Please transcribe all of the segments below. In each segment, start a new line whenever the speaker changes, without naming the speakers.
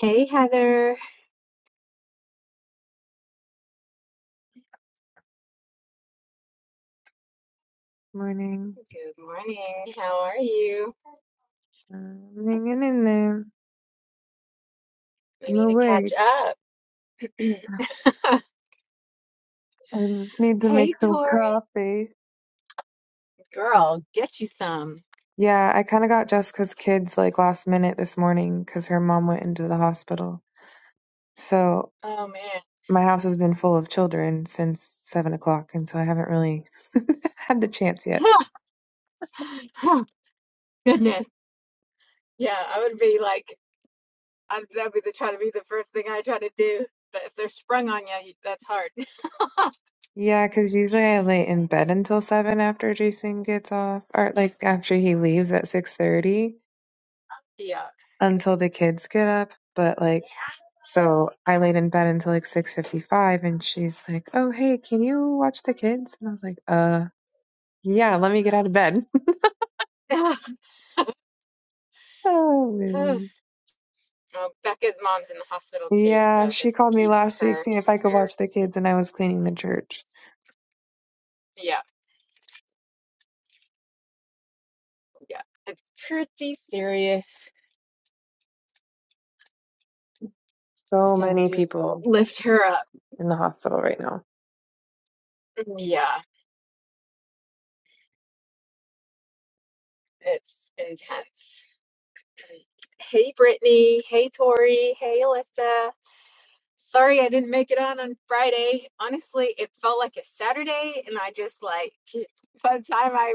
Hey Heather.
Morning.
Good morning. How are you?
Um, hanging in there.
We
I'm
need to catch
awake.
up.
I just need to
Hey
make some
Tori.
coffee.
Girl, get you some.
Yeah, I kind of got Jessica's kids like last minute this morning because her mom went into the hospital. So
Oh man.
my house has been full of children since seven o'clock, and so I haven't really had the chance yet.
Goodness. Yeah, I would be like, I'd, that'd be the try to be the first thing I try to do. But if they're sprung on you, that's hard.
Yeah, because usually I lay in bed until seven after Jason gets off, or like after he leaves at six thirty.
Yeah.
until the kids get up. But like, so I laid in bed until like 6:55, and she's like, "Oh, hey, can you watch the kids?" And I was like, "Uh, yeah, let me get out of bed." oh man.
Oh, Becca's mom's in the hospital too,
Yeah,
so
she
just
called me
keep
last week
her
seeing
in
if
your
I could watch the
prayers.
kids, and I was cleaning the church.
Yeah, yeah. It's pretty serious.
So
So
many
just
people
lift her up.
in the hospital right now.
Yeah, it's intense. Hey, Brittany. Hey, Tori. Hey, Alyssa. Sorry I didn't make it on on Friday. Honestly, it felt like a Saturday, and I just like by the time I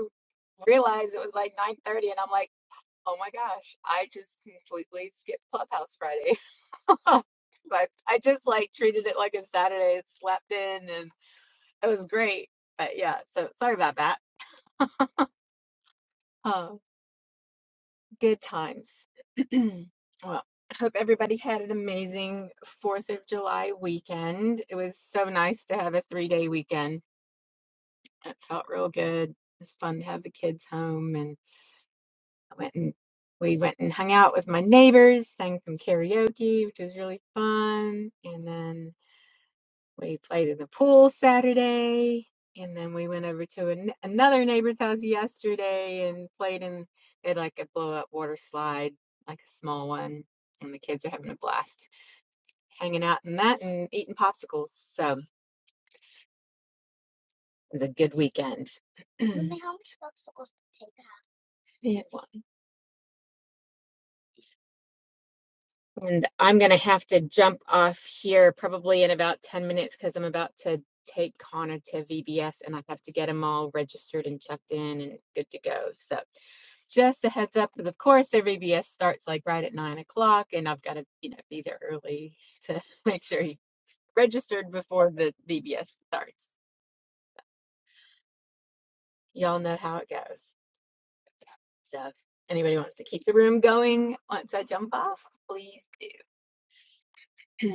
realized it was like 9:30, and I'm like, oh my gosh, I just completely skipped Clubhouse Friday. But I just like treated it like a Saturday. It slept in, and it was great. But yeah, so sorry about that. Um, Good times. Well, I hope everybody had an amazing 4th of July weekend. It was so nice to have a three day weekend. It felt real good. It was fun to have the kids home and I went and we went and hung out with my neighbors, sang some karaoke, which was really fun. And then we played in the pool Saturday, and then we went over to an, another neighbor's house yesterday and played in. They had like a blow up water slide, like a small one, and the kids are having a blast hanging out in that and eating popsicles. So it was a good weekend. It was. And I'm going to have to jump off here probably in about 10 minutes because I'm about to take Connor to VBS and I have to get them all registered and checked in and good to go. So just a heads up, because of course their VBS starts like right at nine o'clock and I've got to, you know, be there early to make sure he registered before the VBS starts. Y'all know how it goes. So if anybody wants to keep the room going once I jump off, please do.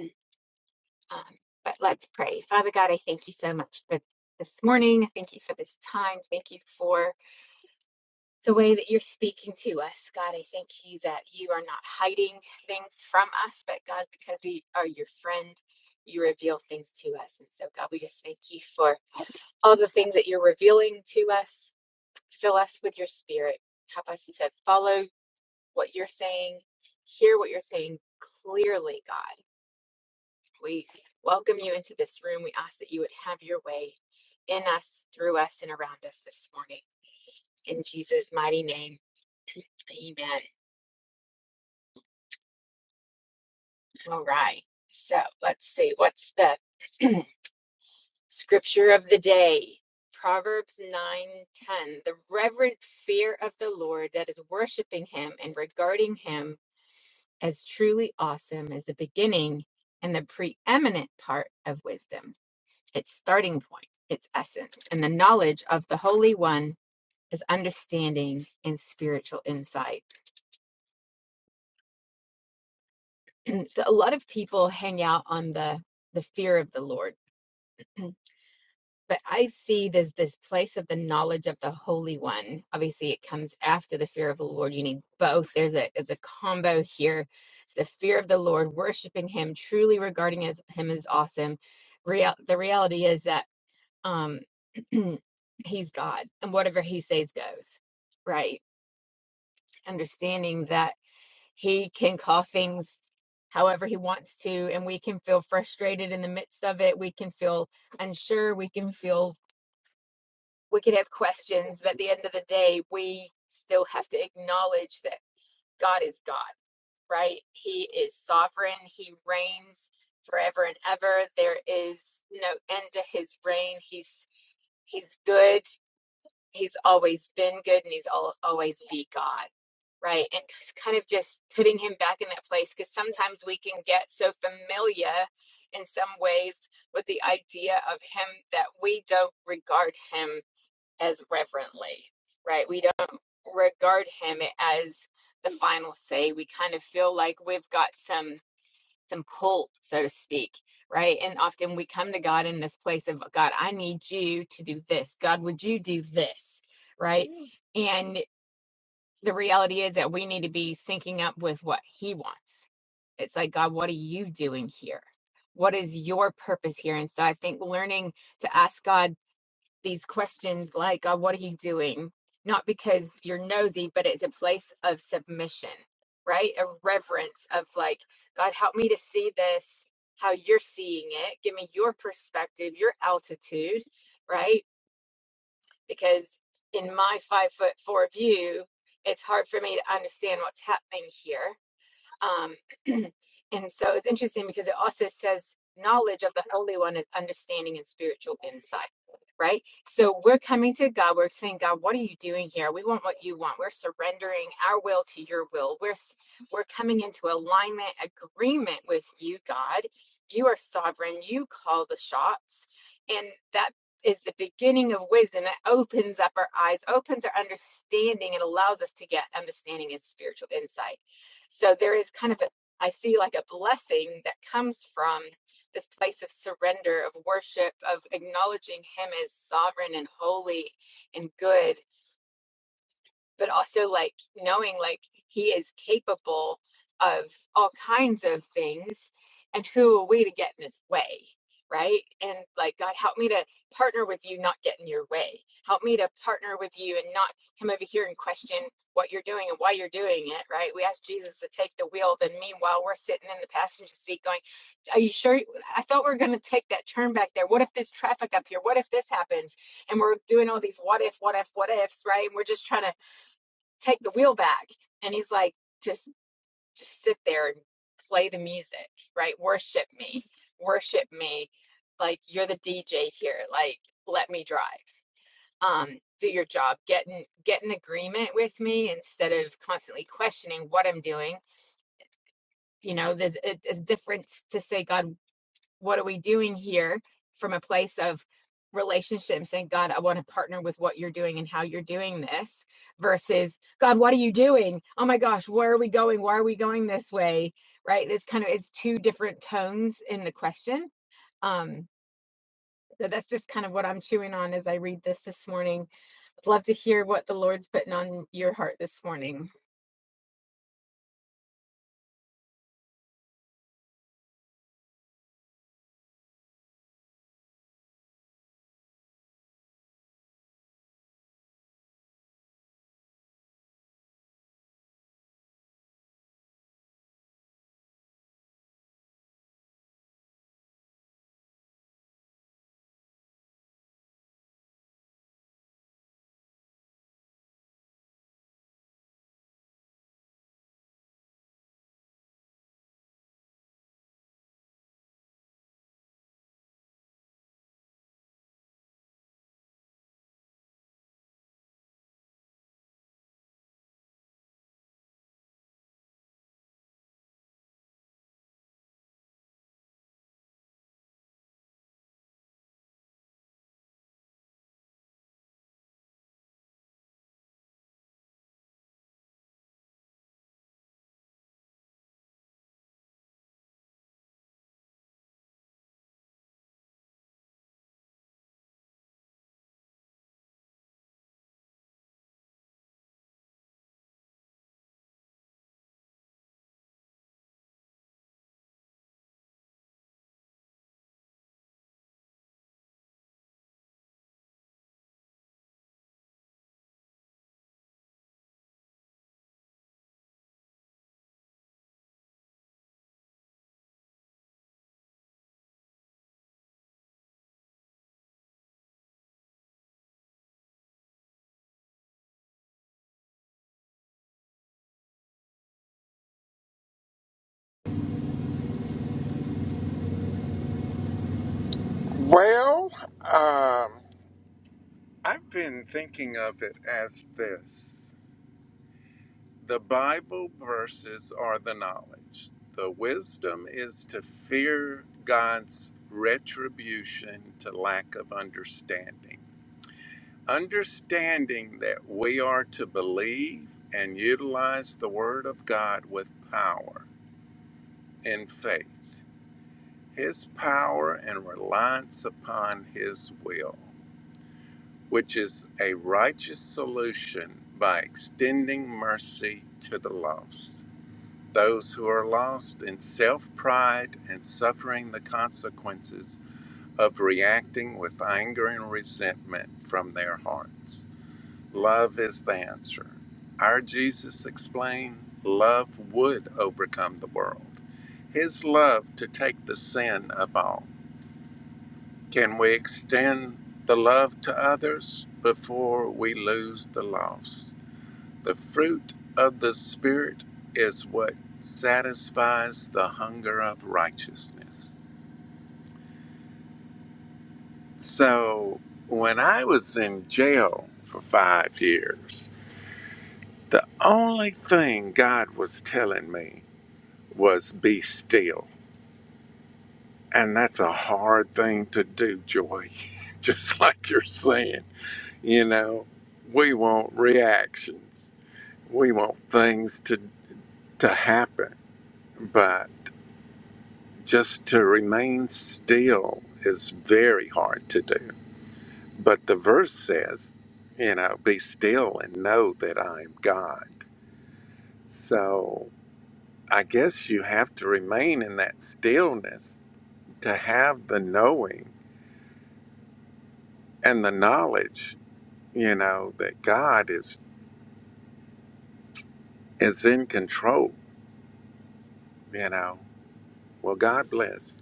Um, but let's pray. Father God, I thank you so much for this morning. Thank you for this time. Thank you for the way that you're speaking to us. God, I thank you that you are not hiding things from us, but God, because we are your friend, you reveal things to us. And so, God, we just thank you for all the things that you're revealing to us. Fill us with your spirit. Help us to follow what you're saying, hear what you're saying clearly, God We welcome you into this room. We ask that you would have your way in us, through us, and around us this morning. In Jesus' mighty name, amen. All right. So let's see. What's the scripture of the day? Proverbs 9:10. The reverent fear of the Lord that is worshiping him and regarding him as truly awesome is the beginning and the preeminent part of wisdom. its starting point, its essence. And the knowledge of the Holy One is understanding and spiritual insight. And so a lot of people hang out on the the fear of the Lord. But I see this this place of the knowledge of the Holy One. Obviously, it comes after the fear of the Lord. You need both. There's a there's a combo here. It's the fear of the Lord, worshiping Him, truly regarding as Him as awesome. Real, the reality is that um he's god and whatever he says goes right understanding that he can call things however he wants to and we can feel frustrated in the midst of it we can feel unsure we can feel we could have questions but at the end of the day we still have to acknowledge that god is god right he is sovereign he reigns forever and ever there is no end to his reign he's he's good he's always been good and he's al always be God, right? And kind of just putting him back in that place because sometimes we can get so familiar in some ways with the idea of him that we don't regard him as reverently, right? We don't regard him as the final say. We kind of feel like we've got some and pull, so to speak, right? And often we come to God in this place of God, I need you to do this. God, would you do this? Right? Mm. And the reality is that we need to be syncing up with what He wants. It's like, God, what are you doing here? What is your purpose here? And so I think learning to ask God these questions like, uh, What are you doing? Not because you're nosy, but it's a place of submission, right? A reverence of like, God, help me to see this how you're seeing it. Give me your perspective, your altitude, right? Because in my five foot four view, it's hard for me to understand what's happening here um, and so it's interesting because it also says knowledge of the Holy One is understanding and spiritual insight, right? So we're coming to God, we're saying, God, what are you doing here? We want what you want. We're surrendering our will to your will. We're s- we're coming into alignment, agreement with you, God. You are sovereign. You call the shots, and that is the beginning of wisdom. It opens up our eyes, opens our understanding, and allows us to get understanding and spiritual insight so there is kind of a, I see like a blessing that comes from this place of surrender, of worship, of acknowledging Him as sovereign and holy and good but also like knowing like he is capable of all kinds of things and who are we to get in his way right and like god help me to partner with you not get in your way help me to partner with you and not come over here and question what you're doing and why you're doing it right we ask jesus to take the wheel then meanwhile we're sitting in the passenger seat going are you sure i thought we are going to take that turn back there what if there's traffic up here what if this happens and we're doing all these what if what if what ifs right and we're just trying to take the wheel back. And he's like, just just sit there and play the music, right? Worship me. Worship me. Like you're the DJ here. Like let me drive. Um, do your job. Get in get in agreement with me instead of constantly questioning what I'm doing. You know, there's a, a difference to say, God, what are we doing here from a place of relationship and saying god i want to partner with what you're doing and how you're doing this versus god what are you doing oh my gosh where are we going why are we going this way right it's kind of it's two different tones in the question um so that's just kind of what i'm chewing on as i read this this morning I'd love to hear what the lord's putting on your heart this morning
Well, um, I've been thinking of it as this the Bible verses are the knowledge. The wisdom is to fear God's retribution to lack of understanding. Understanding that we are to believe and utilize the Word of God with power in faith, His power and reliance upon His will. which is a righteous solution by extending mercy to the lost. Those who are lost in self pride and suffering the consequences of reacting with anger and resentment from their hearts. Love is the answer. Our Jesus explained love would overcome the world. His love to take the sin of all. Can we extend the love to others before we lose the lost? The fruit of the Spirit is what satisfies the hunger of righteousness. So, when I was in jail for five years, the only thing God was telling me was be still. And that's a hard thing to do, Joy, just like you're saying. You know, we want reactions we want things to to happen but just to remain still is very hard to do but the verse says you know be still and know that i am god so i guess you have to remain in that stillness to have the knowing and the knowledge you know that god is is in control you know well god bless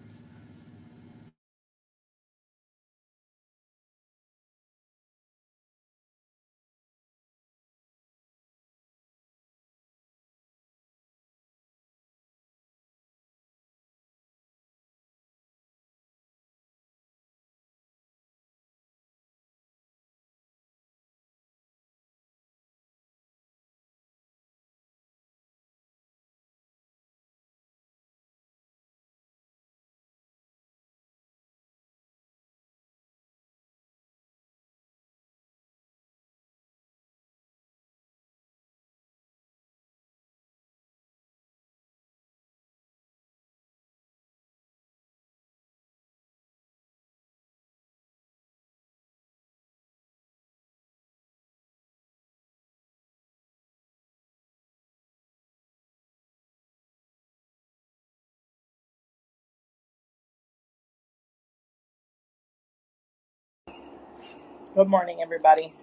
Good morning, everybody.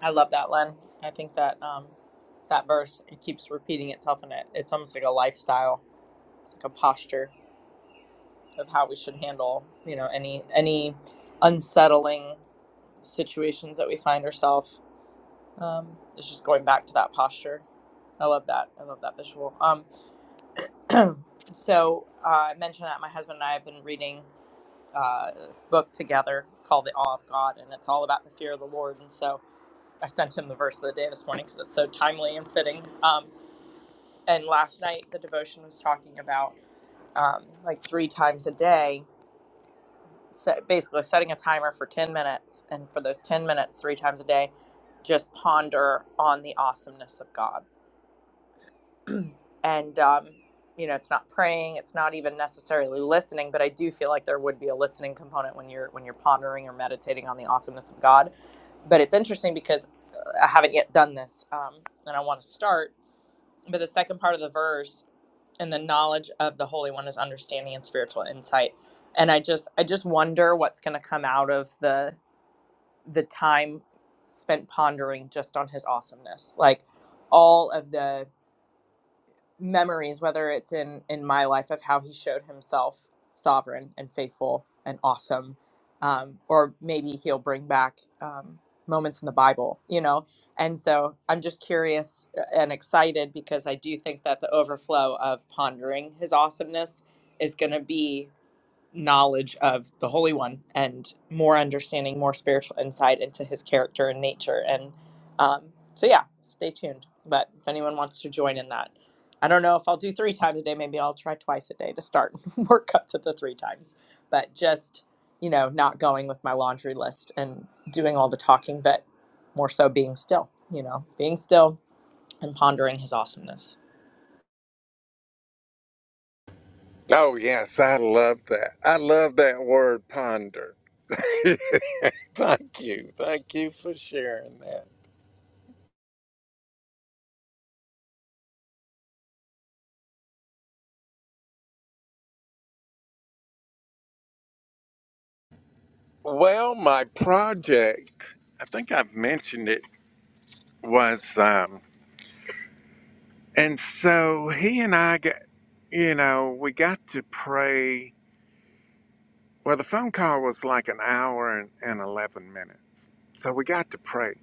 I love that, Len. I think that um, that verse it keeps repeating itself, and it it's almost like a lifestyle, it's like a posture of how we should handle, you know, any any unsettling situations that we find ourselves. Um, it's just going back to that posture. I love that. I love that visual. Um, so uh, I mentioned that my husband and I have been reading uh, this book together called The Awe of God, and it's all about the fear of the Lord. And so I sent him the verse of the day this morning because it's so timely and fitting. Um, and last night, the devotion was talking about um, like three times a day, so basically setting a timer for 10 minutes. And for those 10 minutes, three times a day, just ponder on the awesomeness of God. And, um, you know, it's not praying, it's not even necessarily listening, but I do feel like there would be a listening component when you're when you're pondering or meditating on the awesomeness of God. But it's interesting because uh, I haven't yet done this, um, and I want to start but the second part of the verse and the knowledge of the holy one is understanding and spiritual insight and i just i just wonder what's going to come out of the the time spent pondering just on his awesomeness like all of the memories, whether it's in in my life of how he showed himself sovereign and faithful and awesome, um, or maybe he'll bring back um, moments in the Bible, you know. And so I'm just curious uh, and excited because I do think that the overflow of pondering his awesomeness is going to be knowledge of the Holy One and more understanding, more spiritual insight into his character and nature. And um, so, yeah, stay tuned. But if anyone wants to join in that, I don't know if I'll do three times a day. Maybe I'll try twice a day to start, work up to the three times. But just, you know, not going with my laundry list and doing all the talking, but more so being still, you know, being still and pondering his awesomeness.
Oh, yes, I love that. I love that word ponder. Thank you. Thank you for sharing that. Well, my project, I think I've mentioned it, was, um, and so he and I got, you know, we got to pray. Well, the phone call was like an hour and, and 11 minutes. So we got to pray.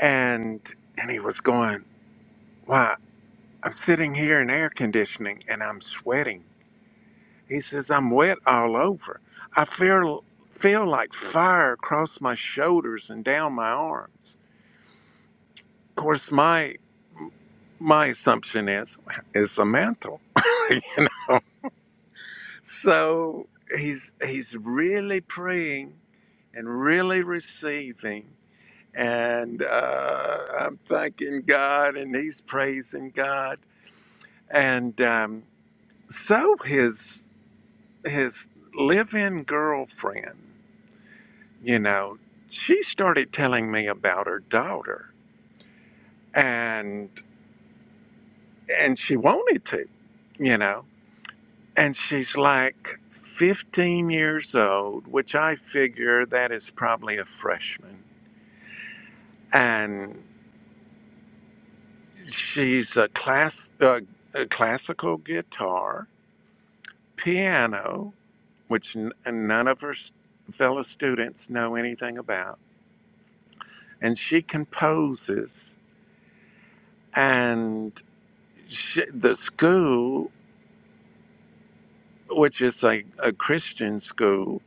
And, and he was going, wow, I'm sitting here in air conditioning and I'm sweating. He says, I'm wet all over. I feel, feel like fire across my shoulders and down my arms. Of course, my my assumption is it's a mantle, you know. So he's he's really praying and really receiving, and uh, I'm thanking God, and he's praising God, and um, so his his live-in girlfriend. you know, she started telling me about her daughter and and she wanted to, you know. And she's like 15 years old, which I figure that is probably a freshman. And she's a class uh, a classical guitar, piano, which n- none of her s- fellow students know anything about. And she composes and sh the school which is a, a Christian school,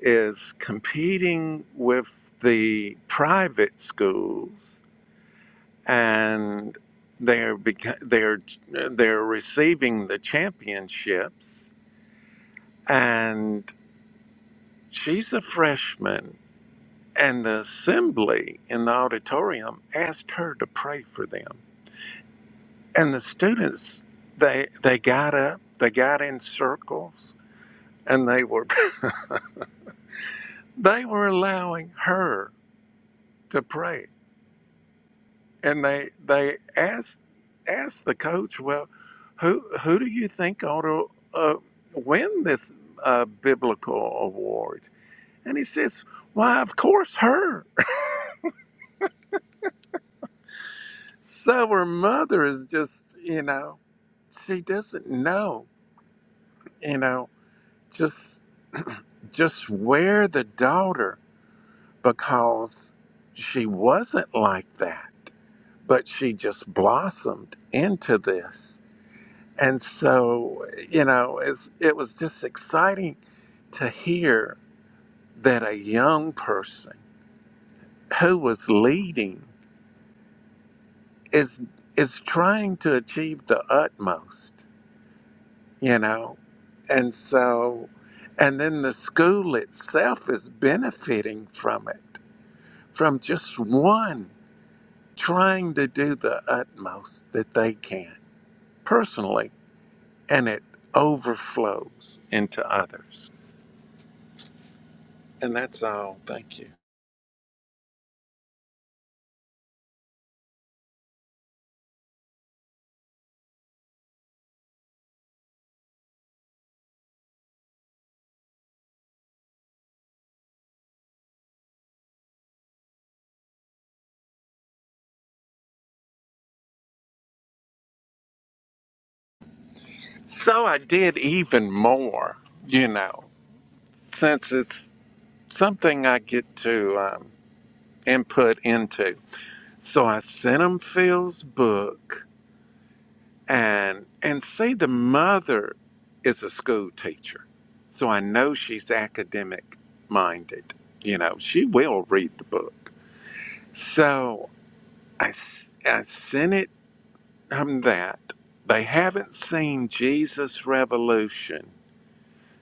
is competing with the private schools, and they're beca- they're they're receiving the championships. And she's a freshman, and the assembly in the auditorium asked her to pray for them, and the students they they got up, they got in circles, and they were they were allowing her to pray and they they asked asked the coach, "Well, who who do you think ought to uh, win this uh, biblical award?" And he says, "Why, of course, her." So her mother is just, you know, she doesn't know, you know, just just wear the daughter because she wasn't like that, but she just blossomed into this And so, you know, it's, it was just exciting to hear that a young person who was leading is is trying to achieve the utmost, you know. And so and then the school itself is benefiting from it, from just one trying to do the utmost that they can personally, and it overflows into others. And that's all. Thank you. So I did even more, you know, since it's something I get to um, input into. So I sent him Phil's book, and and see the mother is a school teacher, so I know she's academic minded. You know, she will read the book. So I s- I sent it from that. They haven't seen Jesus Revolution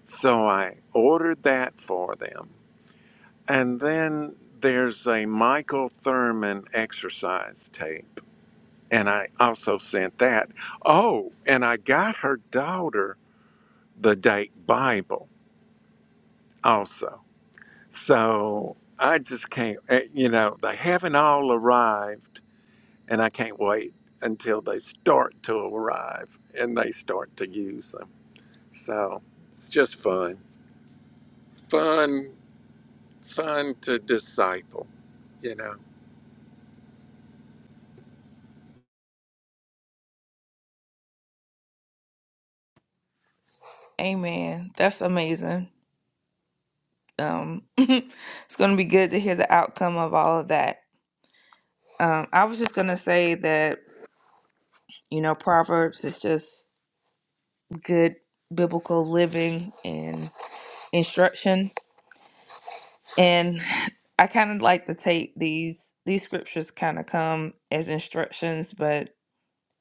So I ordered that for them. And then there's a Michael Thurman exercise tape. And I also sent that. Oh, and I got her daughter the date Bible also. So I just can't, eh, you know, they haven't all arrived. And I can't wait until they start to arrive and they start to use them. So it's just fun. Fun, fun to disciple. You know,
Amen. That's amazing. Um, it's going to be good to hear the outcome of all of that. Um, I was just going to say that, you know, Proverbs is just good biblical living and instruction. And I kind of like to take these, these scriptures kind of come as instructions, but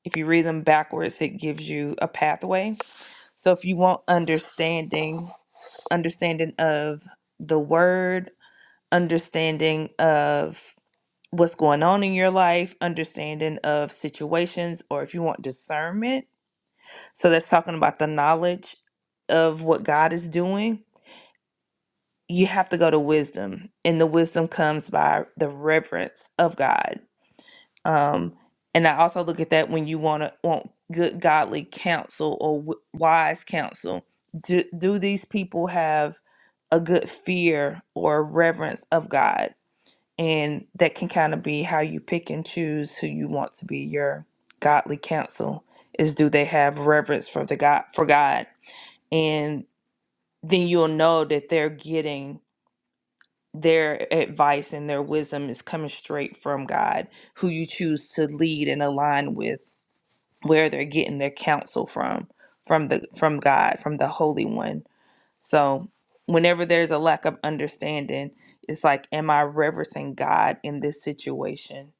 if you read them backwards, it gives you a pathway. So if you want understanding, understanding of the word, understanding of what's going on in your life, understanding of situations, or if you want discernment. So that's talking about the knowledge of what God is doing. You have to go to wisdom, and the wisdom comes by the reverence of God. Um, and I also look at that when you want to want good godly counsel or w- wise counsel. Do, do these people have a good fear or reverence of God? and that can kind of be how you pick and choose who you want to be your godly counsel is do they have reverence for the god for god and then you'll know that they're getting their advice and their wisdom is coming straight from god who you choose to lead and align with where they're getting their counsel from from the from god from the holy one so whenever there's a lack of understanding it's like am i reverencing god in this situation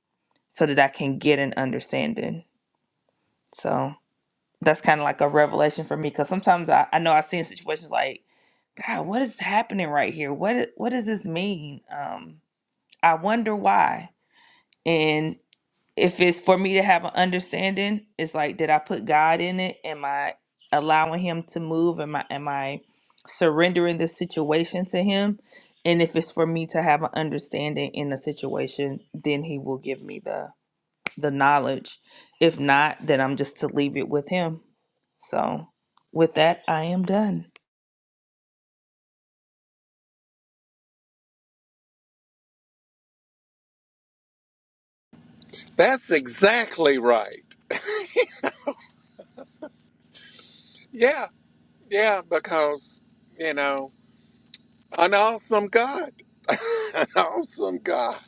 so that I can get an understanding. So that's kind of like a revelation for me because sometimes I, I know I've seen situations like, God, what is happening right here? What i- what does this mean? Um, I wonder why. And if it's for me to have an understanding, it's like, did I put God in it? Am I allowing Him to move? Am I am I surrendering this situation to Him? And if it's for me to have an understanding in the situation, then He will give me the the knowledge. If not, then I'm just to leave it with him. So with that, I am done.
that's exactly right. Yeah, yeah, because, you know, an awesome God. an awesome God.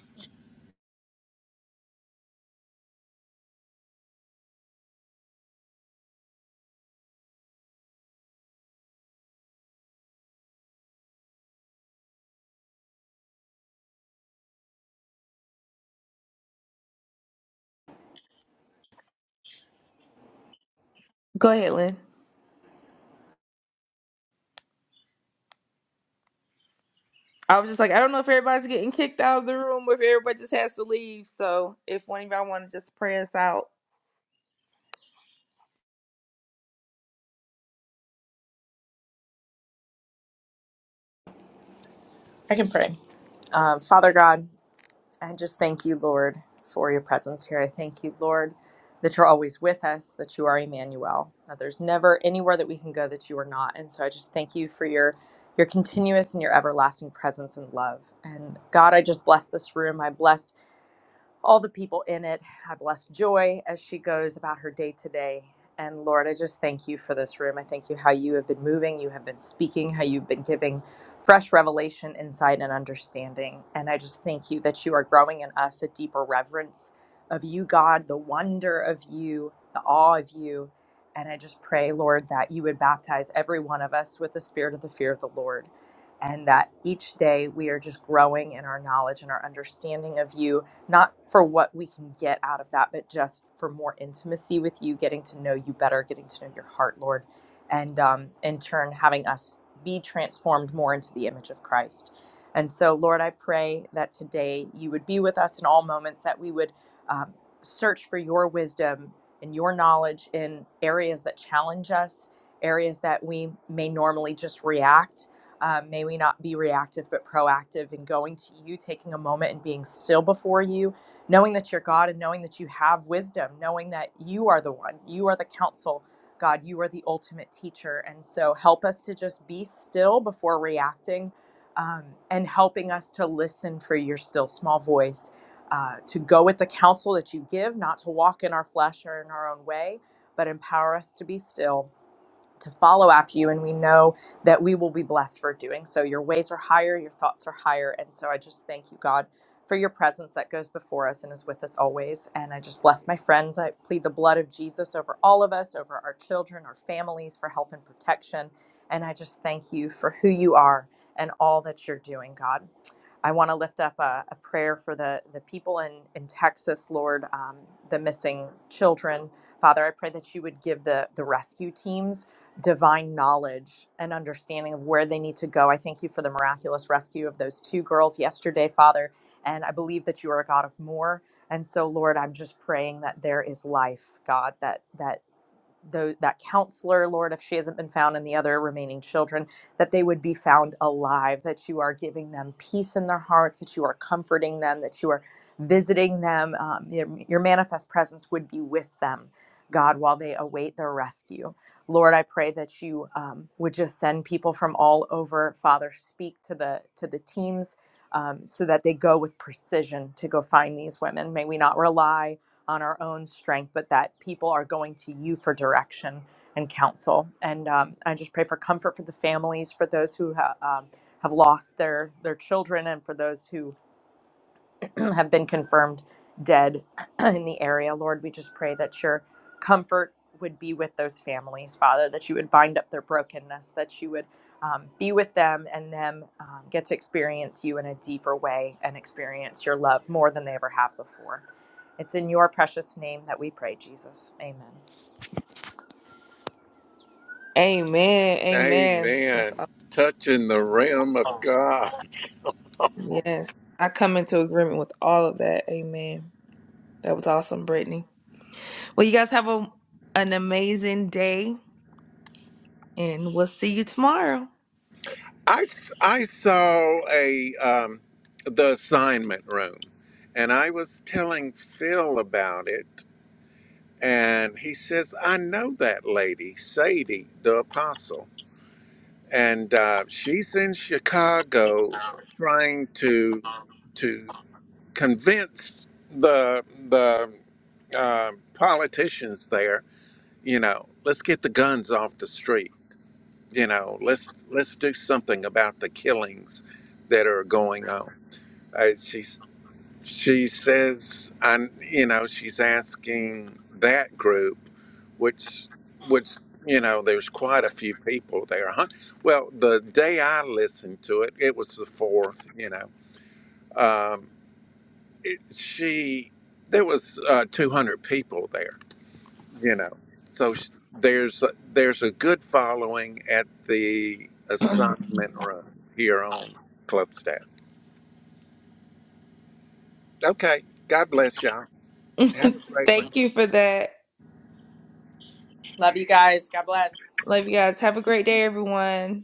Go ahead, Lynn. I was just like, I don't know if everybody's getting kicked out of the room or if everybody just has to leave. So if one of y'all want to just pray us out.
I can pray. Um, Father God, I just thank you, Lord, for your presence here. I thank you, Lord, that you're always with us, that you are Emmanuel, that there's never anywhere that we can go that you are not. And so I just thank you for your your continuous and your everlasting presence and love. And God, I just bless this room. I bless all the people in it. I bless Joy as she goes about her day today. And Lord, I just thank you for this room. I thank you how you have been moving, you have been speaking, how you've been giving fresh revelation, insight, and understanding. And I just thank you that you are growing in us a deeper reverence of you, God, the wonder of you, the awe of you. And I just pray, Lord, that you would baptize every one of us with the spirit of the fear of the Lord. And that each day we are just growing in our knowledge and our understanding of you not for what we can get out of that, but just for more intimacy with you, getting to know you better, getting to know your heart, Lord, and um, in turn, having us be transformed more into the image of Christ. And so, Lord, I pray that today you would be with us in all moments, that we would um, search for your wisdom and your knowledge in areas that challenge us, areas that we may normally just react um, may we not be reactive but proactive in going to you, taking a moment and being still before you, knowing that you're God and knowing that you have wisdom, knowing that you are the one, you are the counsel, God, you are the ultimate teacher. And so help us to just be still before reacting um, and helping us to listen for your still small voice, uh, to go with the counsel that you give, not to walk in our flesh or in our own way, but empower us to be still to follow after you and we know that we will be blessed for doing so your ways are higher your thoughts are higher and so i just thank you god for your presence that goes before us and is with us always and i just bless my friends i plead the blood of jesus over all of us over our children our families for health and protection and i just thank you for who you are and all that you're doing god I want to lift up a, a prayer for the, the people in, in Texas, Lord, um, the missing children. Father, I pray that you would give the, the rescue teams divine knowledge and understanding of where they need to go. I thank you for the miraculous rescue of those two girls yesterday, Father. And I believe that you are a God of more. And so, Lord, I'm just praying that there is life, God, that that tho- that counselor, Lord, if she hasn't been found, and the other remaining children, that they would be found alive, that you are giving them peace in their hearts, that you are comforting them, that you are visiting them. Um, your, your manifest presence would be with them, God, while they await their rescue. Lord, I pray that you um, would just send people from all over. Father, speak to the to the teams um, so that they go with precision to go find these women. May we not rely on our own strength, but that people are going to you for direction and counsel. And um, I just pray for comfort for the families, for those who ha- um, have lost their their children, and for those who have been confirmed dead in the area. Lord, we just pray that your comfort would be with those families, Father, that you would bind up their brokenness, that you would um, be with them and them um, get to experience you in a deeper way and experience your love more than they ever have before. It's in your precious name that we pray, Jesus. Amen.
Amen. Amen. That's
Amen. Touching the realm of
awesome.
God.
Yes. I come into agreement with all of that. Amen. That was awesome, Brittany. Well, you guys have a, an amazing day and we'll see you tomorrow.
I I saw a um, the assignment room, and I was telling Phil about it, and he says, I know that lady, Sadie, the apostle. and uh, she's in Chicago trying to to convince the the uh, politicians there. You know, let's get the guns off the street. You know, let's let's do something about the killings that are going on. Uh, she's she says, and you know, she's asking that group, which, which, you know, there's quite a few people there. Hun- Well, the day I listened to it, it was the fourth. You know, um, it, she there was uh, 200 people there. You know, so sh- there's a, there's a good following at the assignment room here on Club Staff. Okay, God bless y'all. Have a great one.
Thank you for that.
Love you guys. God bless.
Love you guys. Have a great day, everyone.